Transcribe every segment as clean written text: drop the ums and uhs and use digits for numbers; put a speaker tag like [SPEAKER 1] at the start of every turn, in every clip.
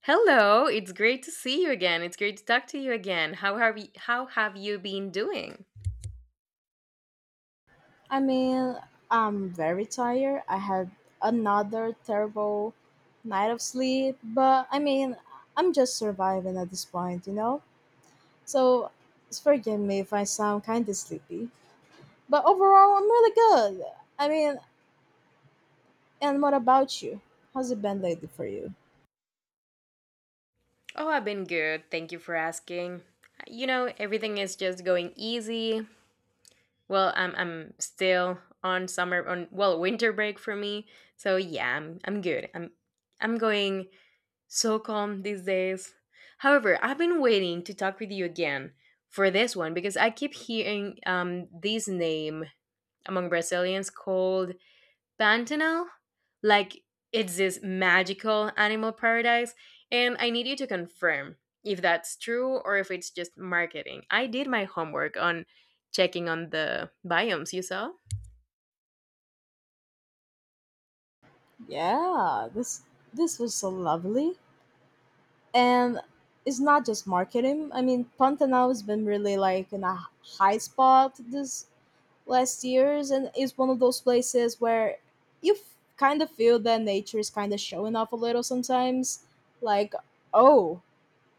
[SPEAKER 1] Hello, it's great to see you again. It's great to talk to you again. How have you been doing?
[SPEAKER 2] I mean, I'm very tired. I had another terrible night of sleep, but I'm just surviving at this point, you know? So, forgive me if I sound kind of sleepy. But overall, I'm really good. I mean, and what about you? How's it been lately for you?
[SPEAKER 1] Oh, I've been good. Thank you for asking. You know, everything is just going easy. Well, I'm still on summer on well, winter break for me. So, yeah, I'm good. I'm going so calm these days. However, I've been waiting to talk with you again for this one because I keep hearing this name among Brazilians called Pantanal, like it's this magical animal paradise, and I need you to confirm if that's true or if it's just marketing. I did my homework on checking on the biomes you saw.
[SPEAKER 2] Yeah, this was so lovely. And it's not just marketing. I mean, Pantanal has been really like in a high spot this last years, and it's one of those places where kind of feel that nature is kind of showing off a little sometimes, like, oh,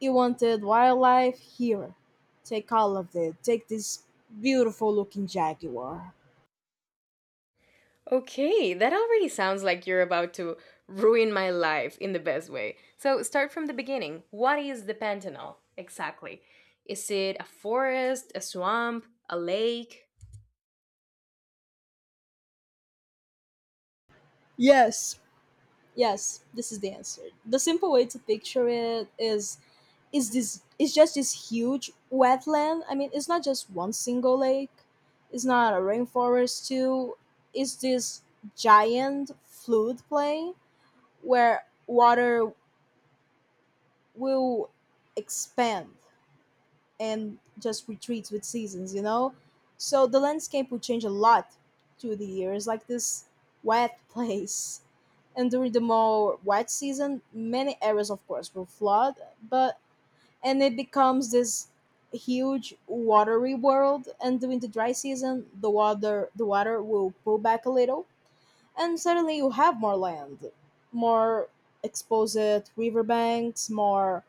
[SPEAKER 2] you wanted wildlife here, take all of it, take this beautiful looking jaguar.
[SPEAKER 1] Okay, that already sounds like you're about to ruin my life in the best way. So, start from the beginning. What is the Pantanal exactly? Is it a forest, a swamp, a lake?
[SPEAKER 2] yes Yes, this is the answer. The simple way to picture it is this, it's just this huge wetland. I mean, it's not just one single lake. It's not a rainforest too. It's this giant fluid play where water will expand and just retreats with seasons, you know? So the landscape would change a lot through the years, like this wet place. And during the more wet season, many areas, of course, will flood, but and it becomes this huge watery world. And during the dry season, the water will pull back a little, and suddenly you have more land, more exposed riverbanks, more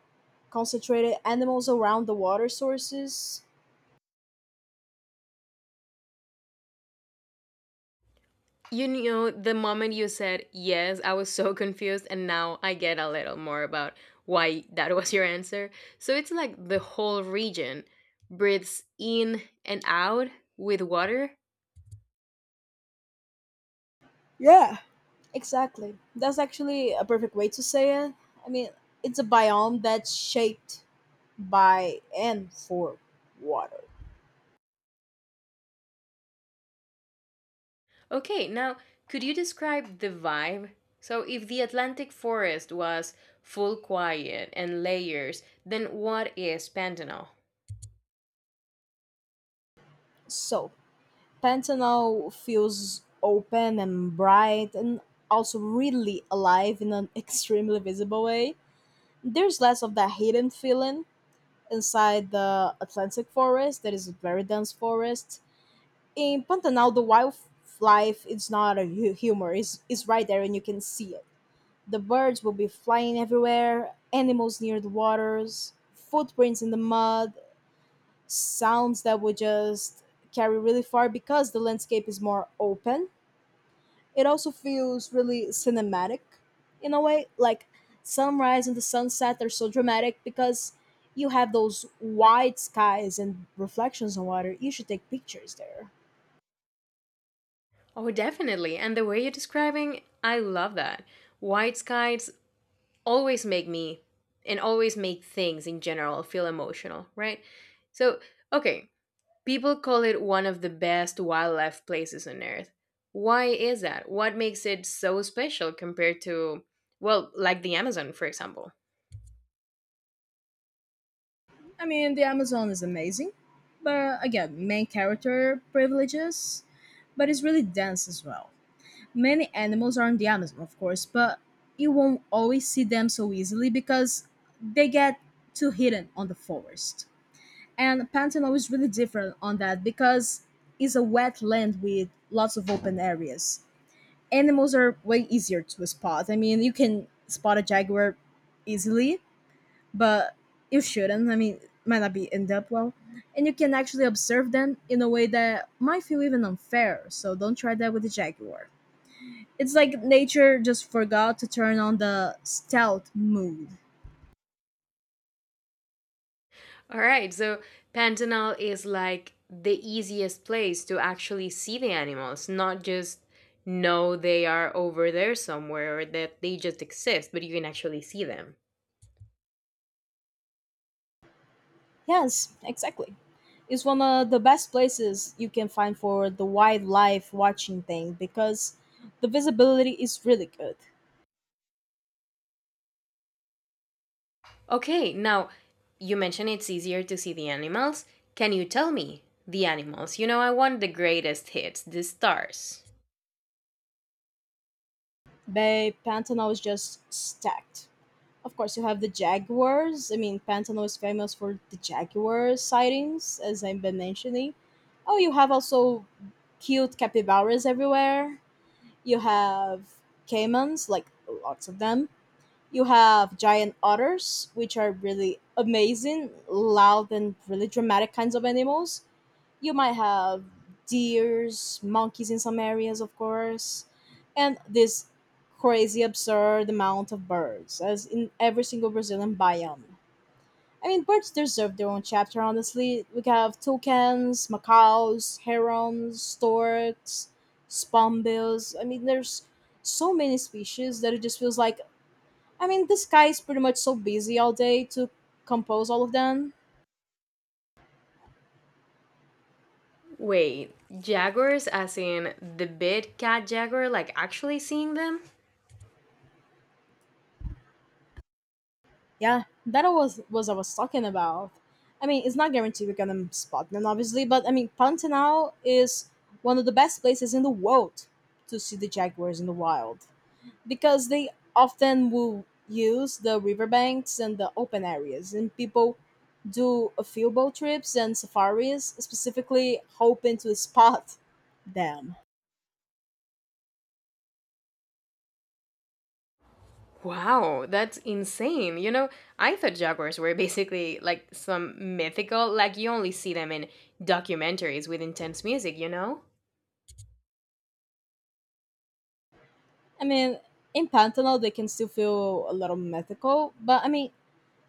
[SPEAKER 2] concentrated animals around the water sources.
[SPEAKER 1] You know, the moment you said yes, I was so confused, and now I get a little more about why that was your answer. So it's like the whole region breathes in and out with water.
[SPEAKER 2] Yeah, exactly. That's actually a perfect way to say it. I mean, it's a biome that's shaped by and for water.
[SPEAKER 1] Okay, now could you describe the vibe? So if the Atlantic forest was full quiet and layers, then what is Pantanal?
[SPEAKER 2] So, Pantanal feels open and bright, and also really alive in an extremely visible way. There's less of that hidden feeling inside the Atlantic forest that is a very dense forest. In Pantanal, the wildlife is not a humor, it's right there and you can see it. The birds will be flying everywhere, animals near the waters, footprints in the mud, sounds that would just carry really far because the landscape is more open. It also feels really cinematic in a way. Like, sunrise and the sunset are so dramatic because you have those wide skies and reflections on water. You should take pictures there.
[SPEAKER 1] Oh, definitely. And the way you're describing, I love that. White skies, always make me and always make things in general feel emotional, right? So, okay, people call it one of the best wildlife places on earth. Why is that? What makes it so special compared to, well, like the Amazon, for example?
[SPEAKER 2] I mean, the Amazon is amazing, but again, main character privileges, but it's really dense as well. Many animals are in the Amazon, of course, but you won't always see them so easily because they get too hidden on the forest. And Pantano is really different on that because it's a wetland with lots of open areas. Animals are way easier to spot. I mean, you can spot a jaguar easily, but you shouldn't. I mean, might not be end up well, and you can actually observe them in a way that might feel even unfair. So don't try that with the jaguar. It's like nature just forgot to turn on the stealth mode.
[SPEAKER 1] All right, so Pantanal is like the easiest place to actually see the animals, not just know they are over there somewhere or that they just exist, but you can actually see them.
[SPEAKER 2] Yes, exactly. It's one of the best places you can find for the wildlife watching thing because the visibility is really good.
[SPEAKER 1] Okay, now you mentioned it's easier to see the animals. Can you tell me the animals? You know, I want the greatest hits, the stars.
[SPEAKER 2] Bay Pantano is just stacked. Of course, you have the jaguars. I mean, Pantano is famous for the jaguar sightings, as I've been mentioning. Oh, you have also cute capybaras everywhere. You have caimans, like lots of them. You have giant otters, which are really amazing, loud, and really dramatic kinds of animals. You might have deers, monkeys in some areas, of course, and this crazy, absurd amount of birds, as in every single Brazilian biome. I mean, birds deserve their own chapter, honestly. We have toucans, macaws, herons, storks, spawnbills. I mean, there's so many species that it just feels like, I mean, this guy is pretty much so busy all day to compose all of them.
[SPEAKER 1] Wait, jaguars as in the big cat jaguar, like actually seeing them?
[SPEAKER 2] Yeah, that was I was talking about. I mean, it's not guaranteed we're gonna spot them, obviously, but I mean, Pantanal is one of the best places in the world to see the jaguars in the wild because they often will use the riverbanks and the open areas, and people do a few boat trips and safaris specifically hoping to spot them.
[SPEAKER 1] Wow, that's insane. You know, I thought jaguars were basically like some mythical, like you only see them in documentaries with intense music, you know?
[SPEAKER 2] I mean, in Pantanal, they can still feel a little mythical, but I mean,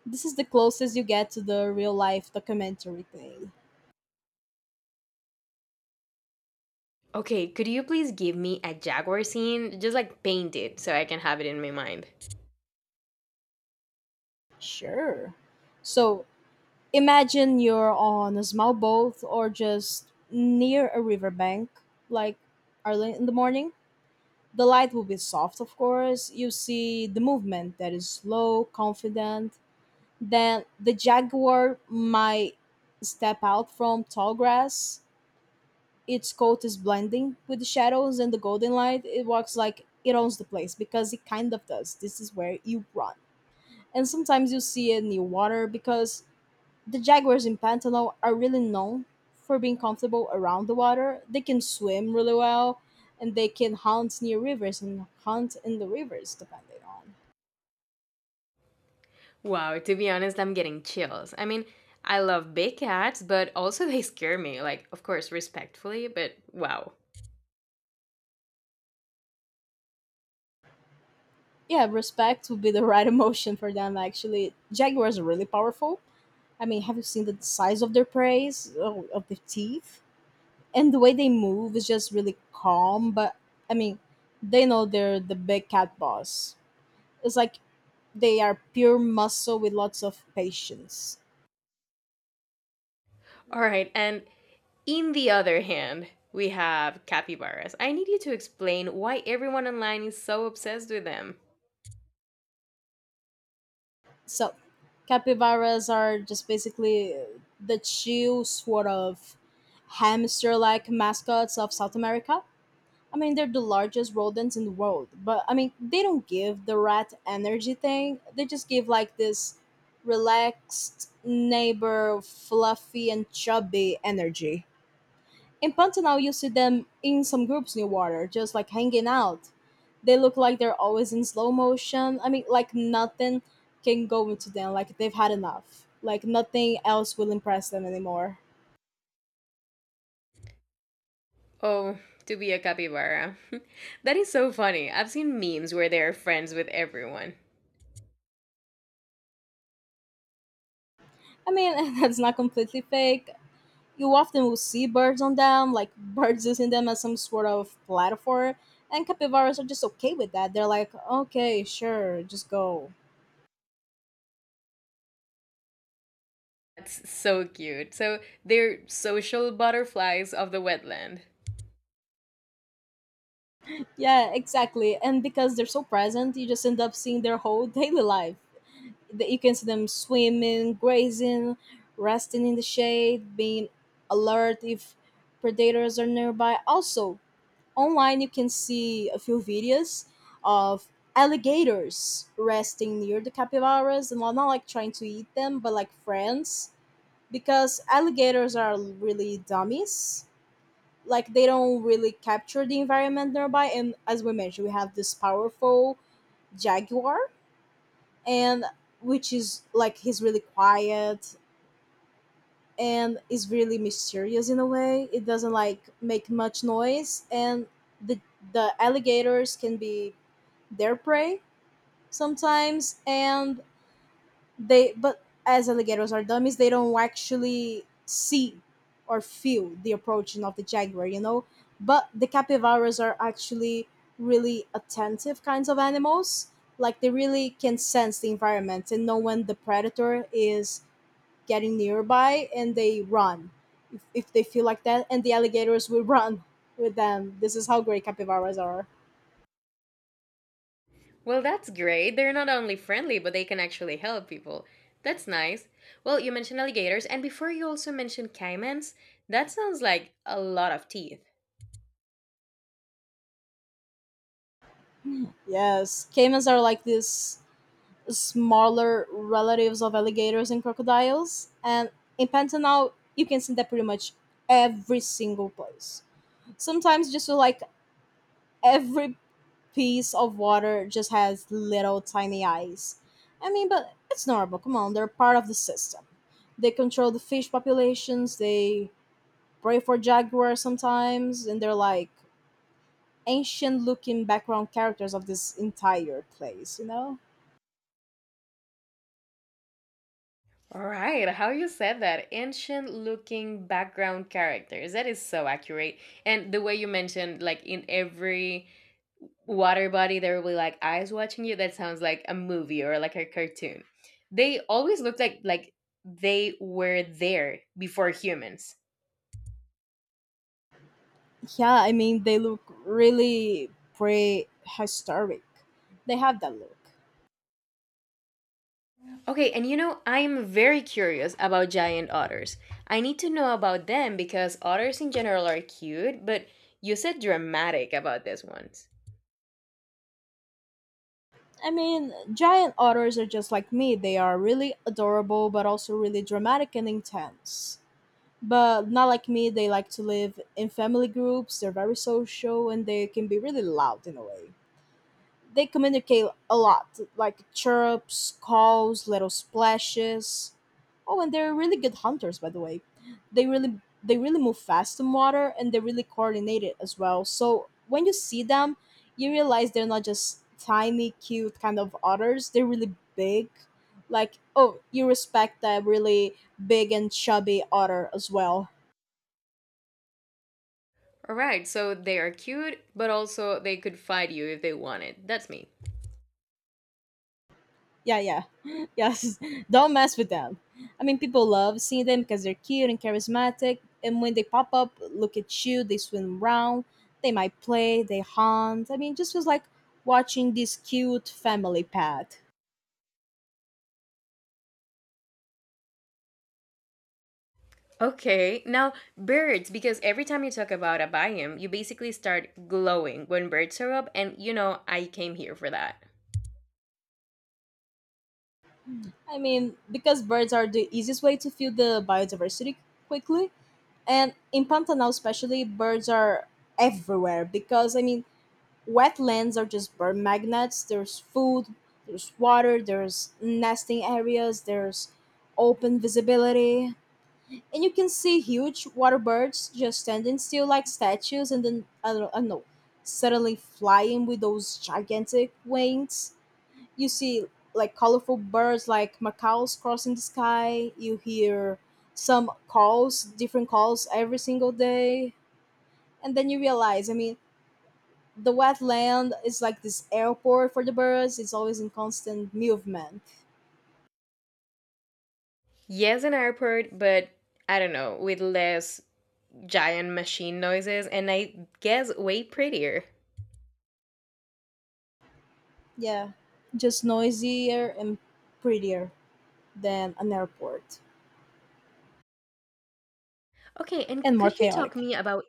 [SPEAKER 2] this is the closest you get to the real life documentary thing.
[SPEAKER 1] Okay, could you please give me a jaguar scene? Just like paint it so I can have it in my mind.
[SPEAKER 2] Sure. So imagine you're on a small boat or just near a riverbank, like, early in the morning. The light will be soft, of course. You see the movement that is slow, confident. Then the jaguar might step out from tall grass. Its coat is blending with the shadows and the golden light. It walks like it owns the place because it kind of does. This is where you run. And sometimes you see it near water because the jaguars in Pantano are really known for being comfortable around the water. They can swim really well and they can hunt near rivers and hunt in the rivers depending on.
[SPEAKER 1] Wow, to be honest, I'm getting chills. I mean, I love big cats, but also they scare me. Like, of course, respectfully, but wow.
[SPEAKER 2] Yeah, respect would be the right emotion for them actually. Jaguars are really powerful. I mean, have you seen the size of their preys, oh, of the teeth? And the way they move is just really calm. But I mean, they know they're the big cat boss. It's like they are pure muscle with lots of patience.
[SPEAKER 1] All right, and in the other hand, we have capybaras. I need you to explain why everyone online is so obsessed with them.
[SPEAKER 2] So, capybaras are just basically the chill sort of hamster-like mascots of South America. I mean, they're the largest rodents in the world, but I mean, they don't give the rat energy thing. They just give like this relaxed neighbor, fluffy and chubby energy. In Pantanal, you see them in some groups near water, just like hanging out. They look like they're always in slow motion. I mean, like nothing can go into them. Like they've had enough. Like nothing else will impress them anymore.
[SPEAKER 1] Oh, to be a capybara. That is so funny. I've seen memes where they are friends with everyone.
[SPEAKER 2] I mean, that's not completely fake. You often will see birds on them, like birds using them as some sort of platform. And capybaras are just okay with that. They're like, okay, sure, just go.
[SPEAKER 1] That's so cute. So they're social butterflies of the wetland.
[SPEAKER 2] Yeah, exactly. And because they're so present, you just end up seeing their whole daily life. That you can see them swimming, grazing, resting in the shade, being alert if predators are nearby. Also, online you can see a few videos of alligators resting near the capybaras, and well, not like trying to eat them but like friends, because alligators are really dummies, like they don't really capture the environment nearby, and as we mentioned we have this powerful jaguar, and which is like he's really quiet and is really mysterious in a way. It doesn't like make much noise, and the the alligators can be their prey sometimes, and they, but as alligators are dummies, they don't actually see or feel the approaching of the jaguar, you know. But the capybaras are actually really attentive kinds of animals. Like they really can sense the environment and know when the predator is getting nearby, and they run if they feel like that, and the alligators will run with them. This is how great capybaras are.
[SPEAKER 1] Well, that's great. They're not only friendly, but they can actually help people. That's nice. Well, you mentioned alligators, and before you also mentioned caimans. That sounds like a lot of teeth.
[SPEAKER 2] Yes, caimans are like these smaller relatives of alligators and crocodiles, and in Pantanal you can see that pretty much every single place. Sometimes just feel like every piece of water just has little tiny eyes. I mean, but it's normal, come on, they're part of the system. They control the fish populations, they pray for jaguars sometimes, and they're like ancient looking background characters of this entire place, you know.
[SPEAKER 1] All right, how you said that. Ancient looking background characters. That is so accurate. And the way you mentioned, like in every water body, there will be like eyes watching you. That sounds like a movie or like a cartoon. They always look like they were there before humans.
[SPEAKER 2] Yeah, I mean, they look really prehistoric. They have that look.
[SPEAKER 1] Okay, and you know, I'm very curious about giant otters. I need to know about them because otters in general are cute, but you said dramatic about this one.
[SPEAKER 2] I mean, giant otters are just like me, they are really adorable but also really dramatic and intense. But not like me, they like to live in family groups. They're very social and they can be really loud in a way. They communicate a lot, like chirps, calls, little splashes. Oh, and they're really good hunters, by the way. They really move fast in water, and they're really coordinated as well. So when you see them, you realize they're not just tiny, cute kind of otters. They're really big. Like, oh, you respect that really big and chubby otter as well.
[SPEAKER 1] Alright, so they are cute, but also they could fight you if they wanted. That's me.
[SPEAKER 2] Yeah, yeah, yes. Don't mess with them. I mean, people love seeing them because they're cute and charismatic. And when they pop up, look at you, they swim around, they might play, they hunt. I mean, it just feels like watching this cute family pet.
[SPEAKER 1] Okay, now birds, because every time you talk about a biome, you basically start glowing when birds are up, and you know, I came here for that.
[SPEAKER 2] I mean, because birds are the easiest way to feel the biodiversity quickly. And in Pantanal, especially, birds are everywhere because, I mean, wetlands are just bird magnets. There's food, there's water, there's nesting areas, there's open visibility. And you can see huge water birds just standing still like statues and then, I don't know, suddenly flying with those gigantic wings. You see like colorful birds like macaws crossing the sky. You hear some calls, different calls every single day. And then you realize, I mean, the wetland is like this airport for the birds. It's always in constant movement.
[SPEAKER 1] Yes, an airport, but I don't know, with less giant machine noises, and I guess way prettier.
[SPEAKER 2] Yeah, just noisier and prettier than an airport
[SPEAKER 1] Okay, and
[SPEAKER 2] and more
[SPEAKER 1] could you talk
[SPEAKER 2] chaotic.
[SPEAKER 1] me about,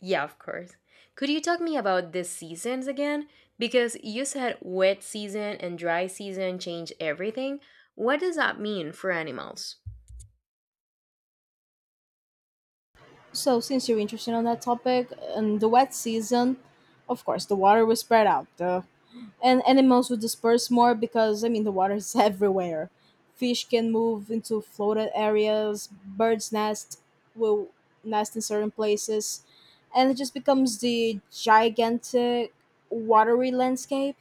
[SPEAKER 1] yeah, of course. Could you talk me about the seasons again? Because you said wet season and dry season change everything. What does that mean for animals?
[SPEAKER 2] So, since you're interested on that topic, in the wet season, of course, the water will spread out. The and animals would disperse more because I mean the water is everywhere. Fish can move into flooded areas. Birds nest will nest in certain places, and it just becomes the gigantic watery landscape.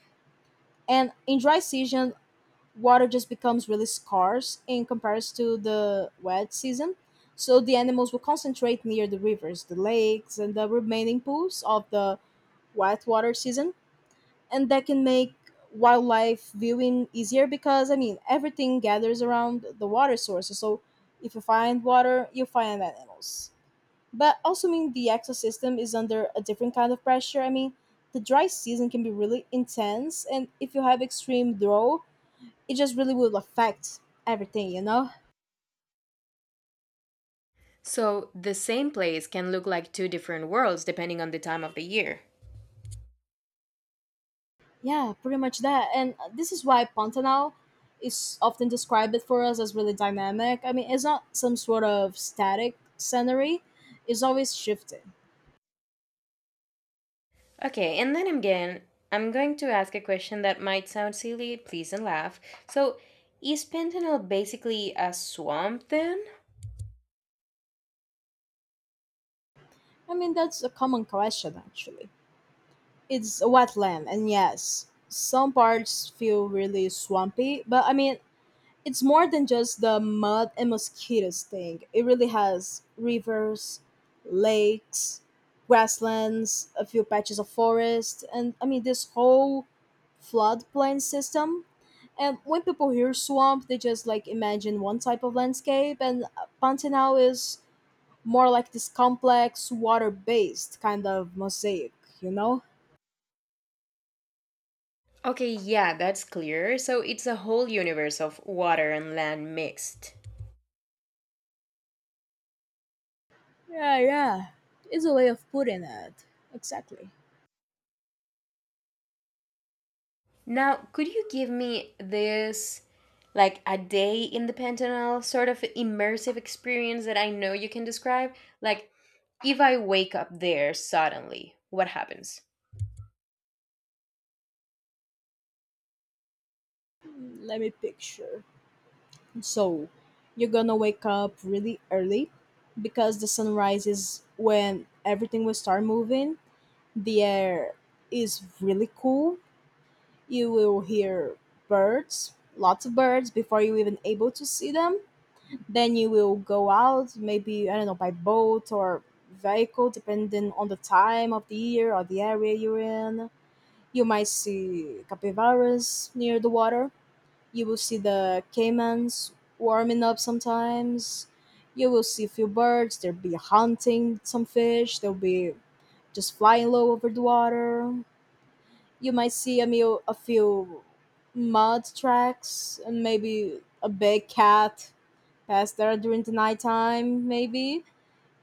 [SPEAKER 2] And in dry season, water just becomes really scarce in comparison to the wet season. So the animals will concentrate near the rivers, the lakes, and the remaining pools of the wet water season, and that can make wildlife viewing easier because I mean everything gathers around the water sources. So if you find water, you find animals. But also, I mean, the ecosystem is under a different kind of pressure. I mean the dry season can be really intense, and if you have extreme drought, it just really will affect everything, you know?
[SPEAKER 1] So the same place can look like two different worlds depending on the time of the year.
[SPEAKER 2] Yeah, pretty much that. And this is why Pantanal is often described it for us as really dynamic. I mean, it's not some sort of static scenery, it's always shifting.
[SPEAKER 1] Okay, and then again, I'm going to ask a question that might sound silly, please don't laugh. So, is Pentanal basically a swamp then?
[SPEAKER 2] I mean, that's a common question, actually. It's a wetland, and yes, some parts feel really swampy, but I mean, it's more than just the mud and mosquitoes thing. It really has rivers, lakes, grasslands, a few patches of forest, and I mean this whole floodplain system. And when people hear swamp, they just like imagine one type of landscape, and Pantanal is more like this complex, water based kind of mosaic, you know?
[SPEAKER 1] Okay, yeah, that's clear. So, it's a whole universe of water and land mixed.
[SPEAKER 2] Yeah, yeah. It's a way of putting it. Exactly.
[SPEAKER 1] Now, could you give me this, like a day in the Pantanal sort of immersive experience that I know you can describe? Like, if I wake up there suddenly, what happens?
[SPEAKER 2] Let me picture. So, you're gonna wake up really early because the sun rises when everything will start moving. The air is really cool. You will hear birds, lots of birds before you even able to see them. Then you will go out, maybe I don't know by boat or vehicle depending on the time of the year or the area you're in. You might see capybaras near the water, you will see the caimans warming up sometimes. You will see a few birds. They'll be hunting some fish. They'll be just flying low over the water. You might see a, meal, a few mud tracks and maybe a big cat pass there during the nighttime. Maybe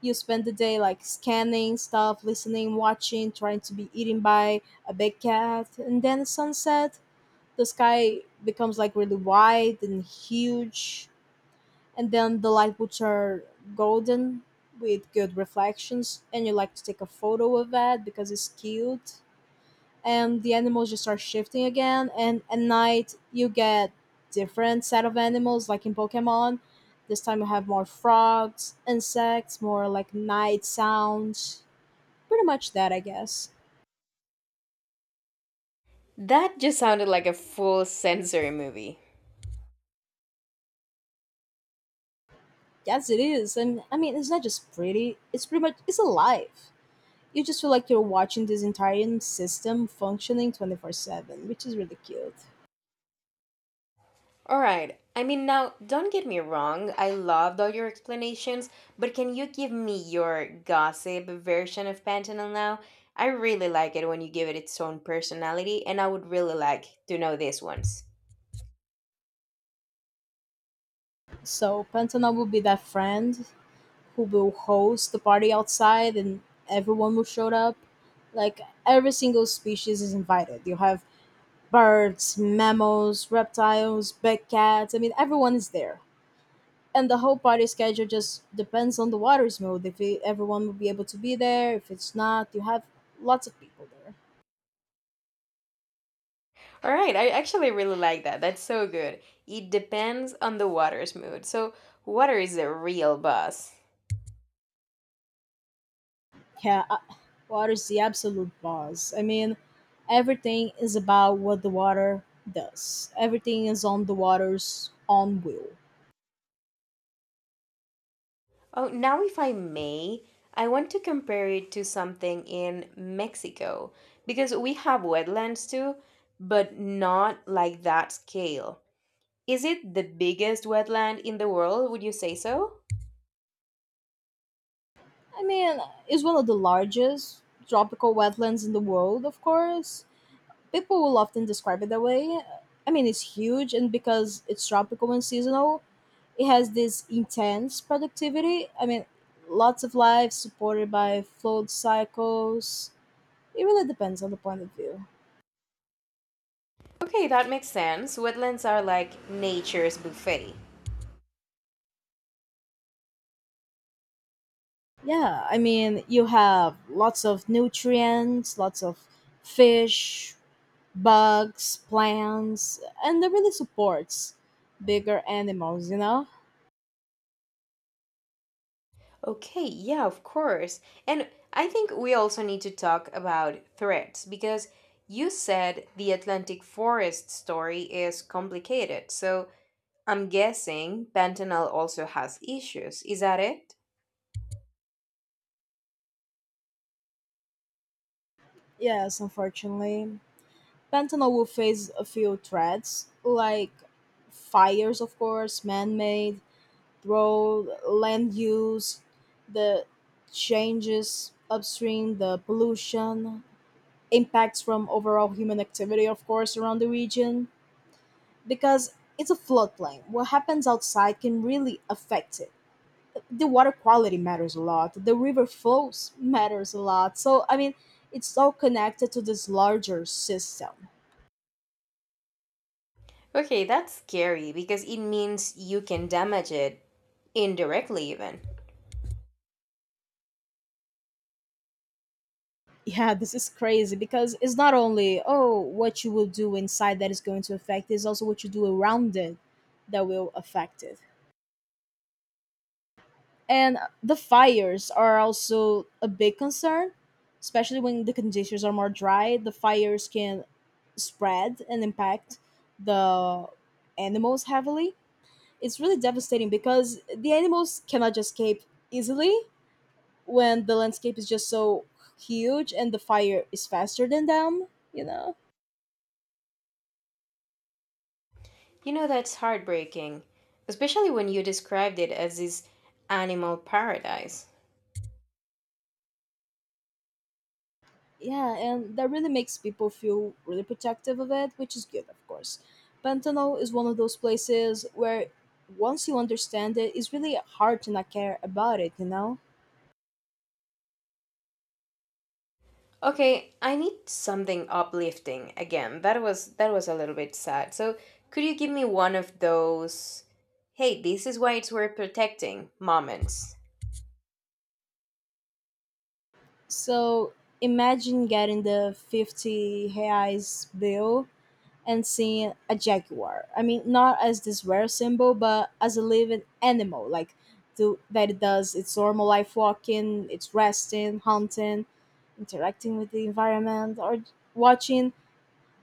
[SPEAKER 2] you spend the day like scanning stuff, listening, watching, trying to be eaten by a big cat, and then sunset the sky becomes like really wide and huge, and then the light boots are golden with good reflections and you like to take a photo of that because it's cute, and the animals just start shifting again, and at night you get different set of animals like in Pokemon. This time you have more frogs, insects, more like night sounds. Pretty much that, I guess.
[SPEAKER 1] That just sounded like a full sensory movie.
[SPEAKER 2] Yes, it is, and I mean, it's not just pretty, it's pretty much, it's alive. You just feel like you're watching this entire system functioning 24/7, which is really cute.
[SPEAKER 1] All right. I mean, now, don't get me wrong. I loved all your explanations, but can you give me your gossip version of Pantanal now? I really like it when you give it its own personality, and I would really like to know this one's.
[SPEAKER 2] So, Pantana will be that friend who will host the party outside, and everyone will show up. Like, every single species is invited. You have birds, mammals, reptiles, big cats. I mean, everyone is there. And the whole party schedule just depends on the water's mood. If it, everyone will be able to be there, if it's not, you have lots of people there.
[SPEAKER 1] All right, I actually really like that. That's so good. It depends on the water's mood. So, water is a real boss.
[SPEAKER 2] Yeah, water is the absolute boss. I mean, everything is about what the water does. Everything is on the water's own will.
[SPEAKER 1] Oh, now if I may, I want to compare it to something in Mexico because we have wetlands too, but not like that scale. Is it the biggest wetland in the world? Would you say so?
[SPEAKER 2] I mean, it's one of the largest tropical wetlands in the world, of course. People will often describe it that way. I mean, it's huge, and because it's tropical and seasonal, it has this intense productivity. I mean, lots of life supported by flood cycles. It really depends on the point of view.
[SPEAKER 1] Okay, that makes sense. Wetlands are like nature's buffet.
[SPEAKER 2] Yeah, I mean, you have lots of nutrients, lots of fish, bugs, plants, and that really supports bigger animals, you know?
[SPEAKER 1] Okay, yeah, of course. And I think we also need to talk about threats because you said the Atlantic forest story is complicated. So I'm guessing fentanyl also has issues. Is that it?
[SPEAKER 2] Yes, unfortunately. Pantanal will face a few threats, like fires, of course, man made, road, land use, the changes upstream, the pollution, impacts from overall human activity, of course, around the region, because it's a floodplain. What happens outside can really affect it. The water quality matters a lot. The river flows matters a lot. So I mean, it's all connected to this larger system.
[SPEAKER 1] Okay, that's scary because it means you can damage it indirectly, even.
[SPEAKER 2] Yeah, this is crazy because it's not only oh what you will do inside that is going to affect it, it's also what you do around it that will affect it. And the fires are also a big concern, especially when the conditions are more dry. The fires can spread and impact the animals heavily. It's really devastating because the animals cannot escape easily when the landscape is just so huge and the fire is faster than them, you know?
[SPEAKER 1] You know, that's heartbreaking, especially when you described it as this animal paradise.
[SPEAKER 2] Yeah, and that really makes people feel really protective of it, which is good, of course. Pantanal is one of those places where once you understand it, it's really hard to not care about it, you know?
[SPEAKER 1] Okay, I need something uplifting again. That was a little bit sad. So, could you give me one of those hey, this is why it's worth protecting moments?
[SPEAKER 2] So imagine getting the 50 reais bill and seeing a jaguar. I mean, not as this rare symbol, but as a living animal, like to, that it does its normal life walking, it's resting, hunting, interacting with the environment, or watching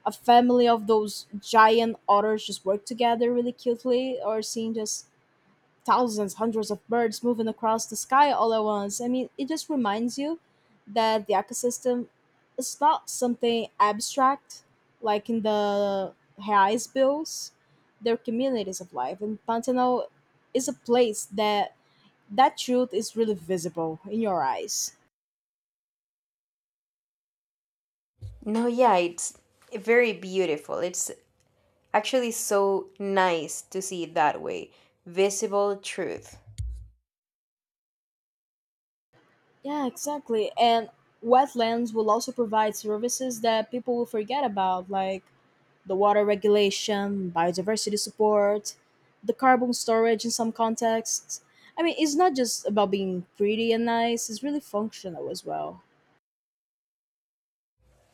[SPEAKER 2] a family of those giant otters just work together really cutely, or seeing just thousands, hundreds of birds moving across the sky all at once. I mean, it just reminds you that the ecosystem is not something abstract, like in the highs bills, they're communities of life, and Pantanal is a place that that truth is really visible in your eyes.
[SPEAKER 1] No, yeah, it's very beautiful. It's actually so nice to see it that way. Visible truth.
[SPEAKER 2] Yeah, exactly. And wetlands will also provide services that people will forget about, like the water regulation, biodiversity support, the carbon storage in some contexts. I mean, it's not just about being pretty and nice, it's really functional as well.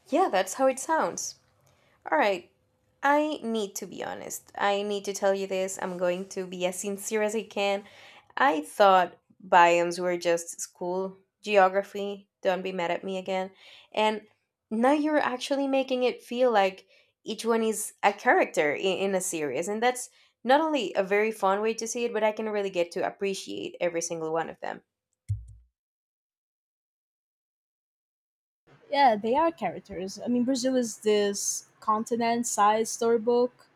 [SPEAKER 1] Yeah, that's how it sounds. All right. I need to be honest. I need to tell you this. I'm going to be as sincere as I can. I thought biomes were just school geography. Don't be mad at me again. And now you're actually making it feel like each one is a character in a series. And that's not only a very fun way to see it, but I can really get to appreciate every single one of them.
[SPEAKER 2] Yeah, they are characters. I mean, Brazil is this continent sized storybook,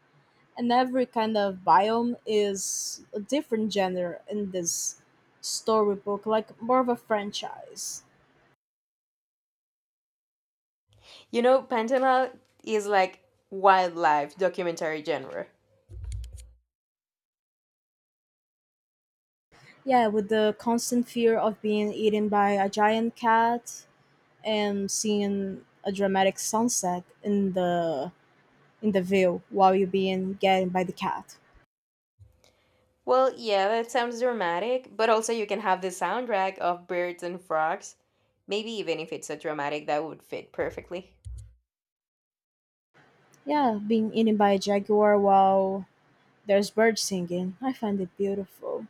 [SPEAKER 2] and every kind of biome is a different genre in this storybook, like more of a franchise.
[SPEAKER 1] You know, Pantanal is like wildlife documentary genre.
[SPEAKER 2] Yeah, with the constant fear of being eaten by a giant cat and seeing a dramatic sunset in the view while you're being getting by the cat.
[SPEAKER 1] Well, yeah, that sounds dramatic, but also you can have the soundtrack of birds and frogs. Maybe even if it's a dramatic, that would fit perfectly.
[SPEAKER 2] Yeah, being eaten by a jaguar while there's birds singing. I find it beautiful.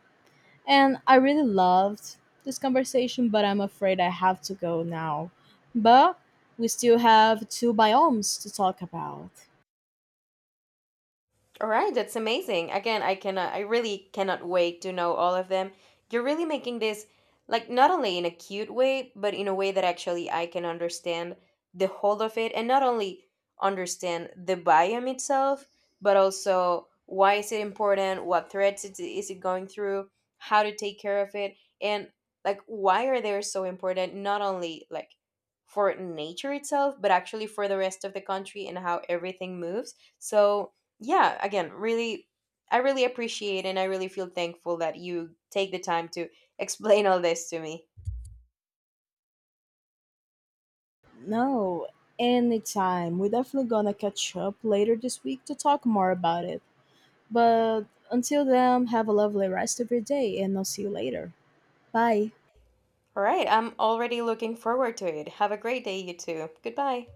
[SPEAKER 2] And I really loved this conversation, but I'm afraid I have to go now. But we still have two biomes to talk about.
[SPEAKER 1] All right, that's amazing. Again, I cannot, I really cannot wait to know all of them. You're really making this, like, not only in a cute way, but in a way that actually I can understand the whole of it and not only understand the biome itself, but also why is it important, what threats it, is it going through, how to take care of it, and like why are they so important, not only like for nature itself, but actually for the rest of the country and how everything moves. So, yeah, again, really, I really appreciate and I really feel thankful that you take the time to explain all this to me.
[SPEAKER 2] No, anytime. We're definitely gonna catch up later this week to talk more about it. But until then, have a lovely rest of your day, and I'll see you later. Bye.
[SPEAKER 1] All right, I'm already looking forward to it. Have a great day. You too. Goodbye.